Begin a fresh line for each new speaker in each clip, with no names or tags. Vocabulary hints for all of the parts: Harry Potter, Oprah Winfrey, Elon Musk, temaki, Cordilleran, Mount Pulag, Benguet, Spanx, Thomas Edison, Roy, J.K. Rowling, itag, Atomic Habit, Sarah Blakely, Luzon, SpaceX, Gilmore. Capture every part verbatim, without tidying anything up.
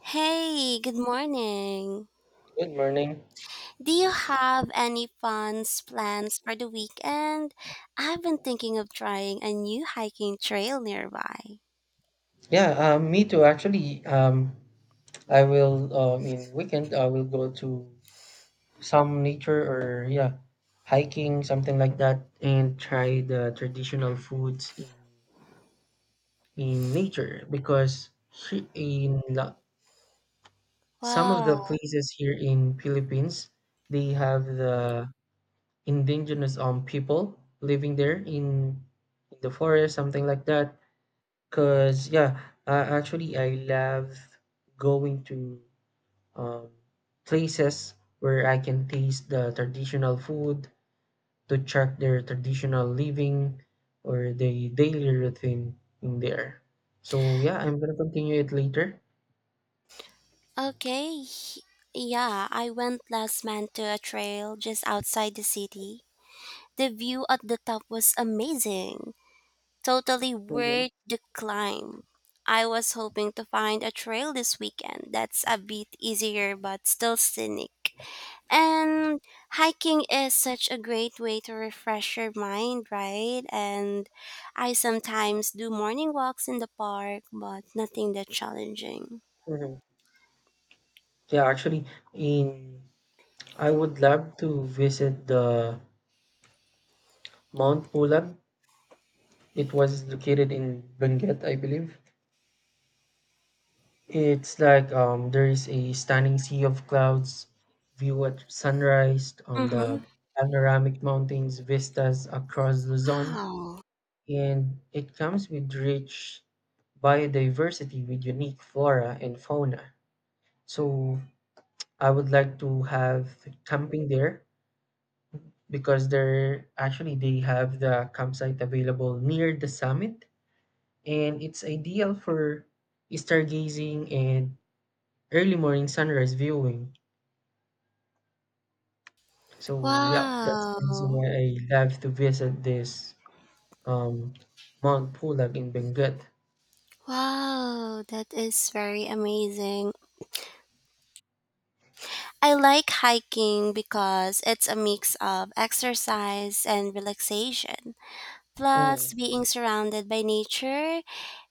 Hey, good morning.
Good morning.
Do you have any fun plans for the weekend? I've been thinking of trying a new hiking trail nearby.
Yeah, um, me too. Actually, um, I will. Uh, I mean, weekend. I will go to some nature or yeah, hiking, something like that, and try the traditional foods in in nature because he- in la- some of the
Wow.
places here in Philippines, they have the indigenous um people living there in in the forest, something like that. Cause yeah, uh, actually I love going to um, places where I can taste the traditional food to check their traditional living or the daily routine in there. So yeah, I'm gonna continue it later.
Okay. Yeah, I went last month to a trail just outside the city. The view at the top was amazing. Totally worth the climb. I was hoping to find a trail this weekend that's a bit easier but still scenic. And hiking is such a great way to refresh your mind, right? And I sometimes do morning walks in the park, but nothing that challenging.
Hmm. Yeah, actually, in I would love to visit the Mount Pulag. It was located in Benguet, I believe. It's like um, there is a stunning sea of clouds, view at sunrise, um,
Mm-hmm.
the panoramic mountains vistas across Luzon,
Wow.
and it comes with rich biodiversity with unique flora and fauna. So I would like to have camping there because there actually they have the campsite available near the summit, and it's ideal for stargazing and early morning sunrise viewing. So yeah, that's the reason
Wow.
why I love to visit this um Mount Pulag in Benguet.
Wow. That is very amazing. I like hiking because it's a mix of exercise and relaxation.
Mm.
Plus, being surrounded by nature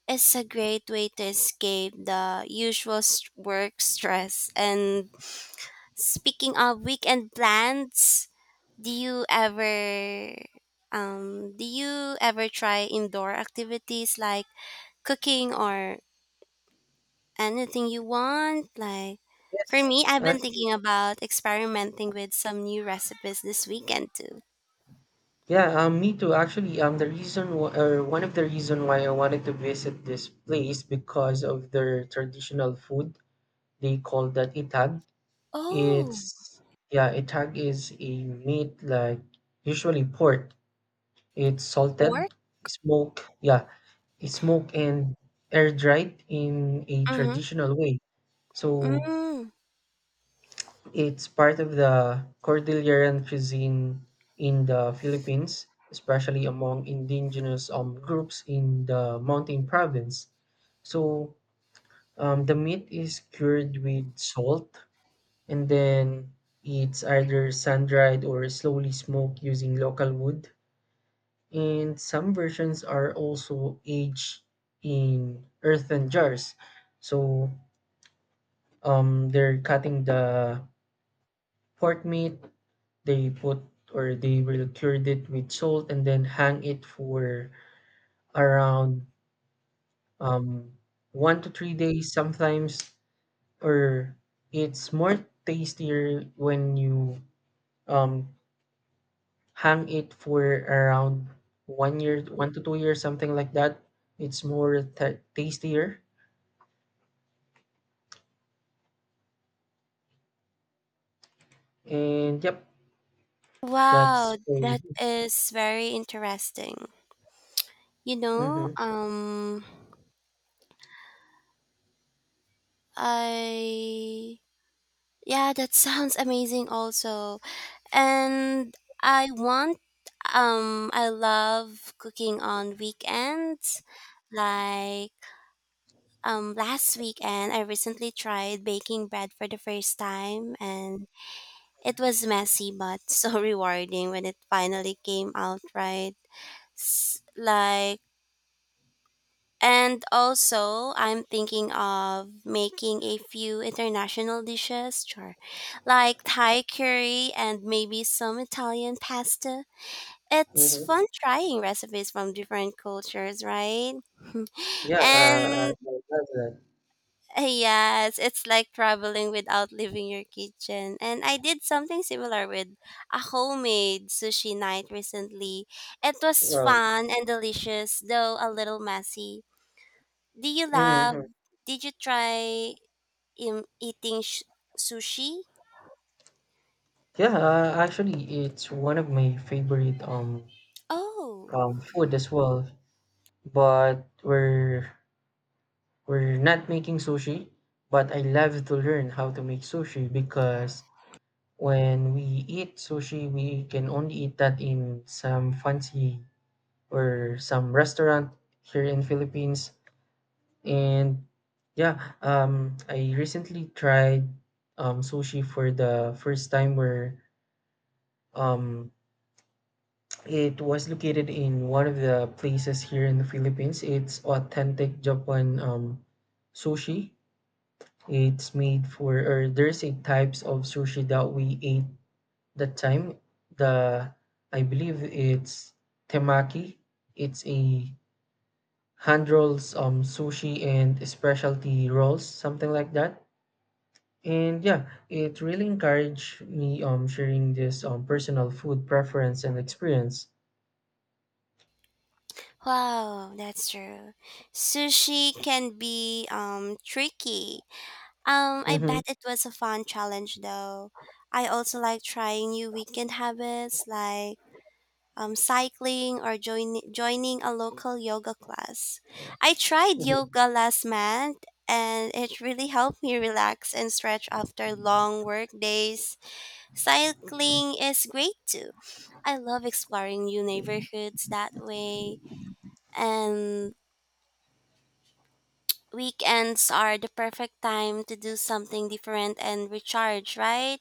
is a great way to escape the usual st- work stress. And speaking of weekend plans, do you ever um do you ever try indoor activities like cooking or anything you want? Like for
Yes,
me, I've been
actually,
thinking about experimenting with some new recipes this weekend too.
yeah, um, me too. Actually, um, the reason wh- or one of the reason why I wanted to visit this place because of their traditional food. They call that itag.
Oh,
It's Yeah, itag is a meat like usually pork. It's
pork?
salted, smoked, yeah, it's smoked and air dried in a
Mm-hmm.
traditional way. So
Mm.
it's part of the Cordilleran cuisine in the Philippines, especially among indigenous um, groups in the mountain province. So um, the meat is cured with salt and then it's either sun dried or slowly smoked using local wood, and some versions are also aged in earthen jars. So um, they're cutting the pork meat, they put or they will cure it with salt and then hang it for around um, one to three days sometimes. Or it's more tastier when you um, hang it for around one year, one to two years, something like that. It's more ta tastier. And yep, that's
Wow,
for.
that is very interesting. You know,
Mm-hmm.
um, I, yeah, that sounds amazing also. And I want, um, I love cooking on weekends. Like, um, last weekend, I recently tried baking bread for the first time, and it was messy but so rewarding when it finally came out right. S- like, And also, I'm thinking of making a few international dishes, sure, like Thai curry and maybe some Italian pasta. It's
Hmm.
fun trying recipes from different cultures, right?
Yeah, uh, I
And
I love that.
uh, yes, it's like traveling without leaving your kitchen. And I did something similar with a homemade sushi night recently. It was
Well,
fun and delicious, though a little messy. Do you love?
hmm
Did you try um, eating sh- sushi?
yeah, uh, actually, it's one of my favorite um
Oh,
um food as well. But we're we're not making sushi, but I love to learn how to make sushi because when we eat sushi, we can only eat that in some fancy or some restaurant here in Philippines. And yeah, um, I recently tried um, sushi for the first time where um, it was located in one of the places here in the Philippines. It's authentic Japan um, sushi. It's made for, or There's eight types of sushi that we ate that time. The, I believe it's temaki. It's a hand rolls, um, sushi and specialty rolls, something like that. And yeah, it really encouraged me um sharing this um personal food preference and experience.
wow, that's true. Sushi can be um tricky. Um, I
Hmm.
bet it was a fun challenge though. I also like trying new weekend habits like um cycling or join- joining a local yoga class. I tried yoga last month and it really helped me relax and stretch after long work days. Cycling is great too. I love exploring new neighborhoods that way. And weekends are the perfect time to do something different and recharge, right?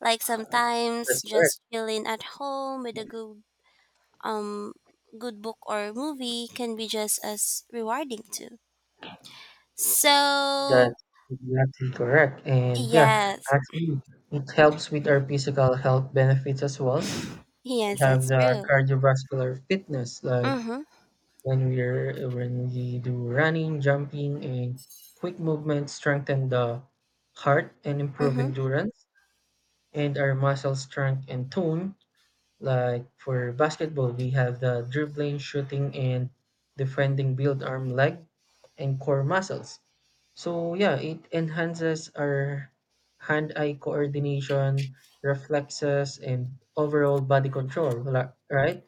Like sometimes
That's correct.
just chilling at home with a good um good book or movie can be just as rewarding too. So
That's exactly correct. And yeah,
yes.
actually, it helps with our physical health benefits as well. We
Yes,
have
that's
the
true.
cardiovascular fitness, like
Mm-hmm.
when we're when we do running, jumping, and quick movement, strengthen the heart and improve
Mm-hmm.
endurance, and our muscle strength and tone. Like for basketball, we have the dribbling, shooting, and defending build arm, leg, and core muscles. So yeah, it enhances our hand-eye coordination, reflexes, and overall body control. la- Right?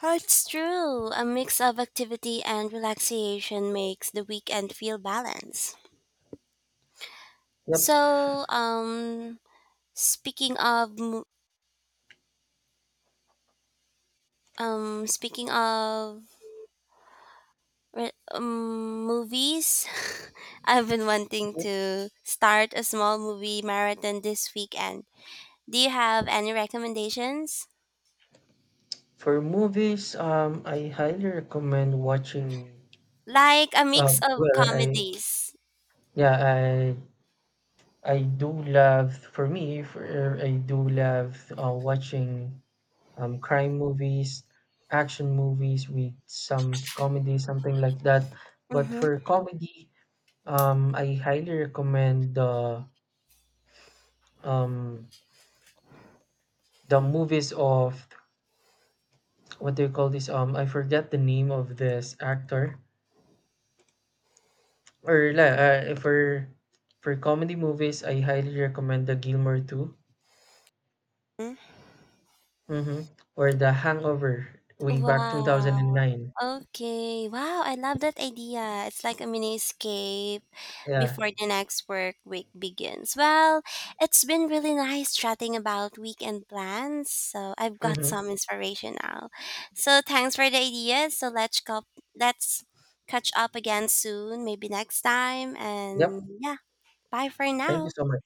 Oh, it's true. A mix of activity and relaxation makes the weekend feel balanced.
Yep.
So, um, speaking of, mo- um, speaking of re- um, movies, I've been wanting
Yep.
to start a small movie marathon this weekend. Do you have any recommendations?
For movies, um, I highly recommend watching.
Like a
Uh,
mix of
well, I
comedies.
yeah, I I do love. For me, for, I do love uh, watching um, crime movies, action movies with some comedy, something like that. But
Mm-hmm.
for comedy, um, I highly recommend the um, the movies of what do you call this? Um, I forget the name of this actor. Or la- uh, for for comedy movies, I highly recommend the Gilmore two mm-hmm. or the Hangover way back
Wow.
twenty oh nine.
Okay. Wow, I love that idea. It's like a mini escape
Yeah.
before the next work week begins. Well, it's been really nice chatting about weekend plans. So I've got
Mm-hmm.
some inspiration now. So thanks for the ideas. So let's go, let's catch up again soon, maybe next time. And
Yep.
yeah, bye for
Thank you
now.
so much.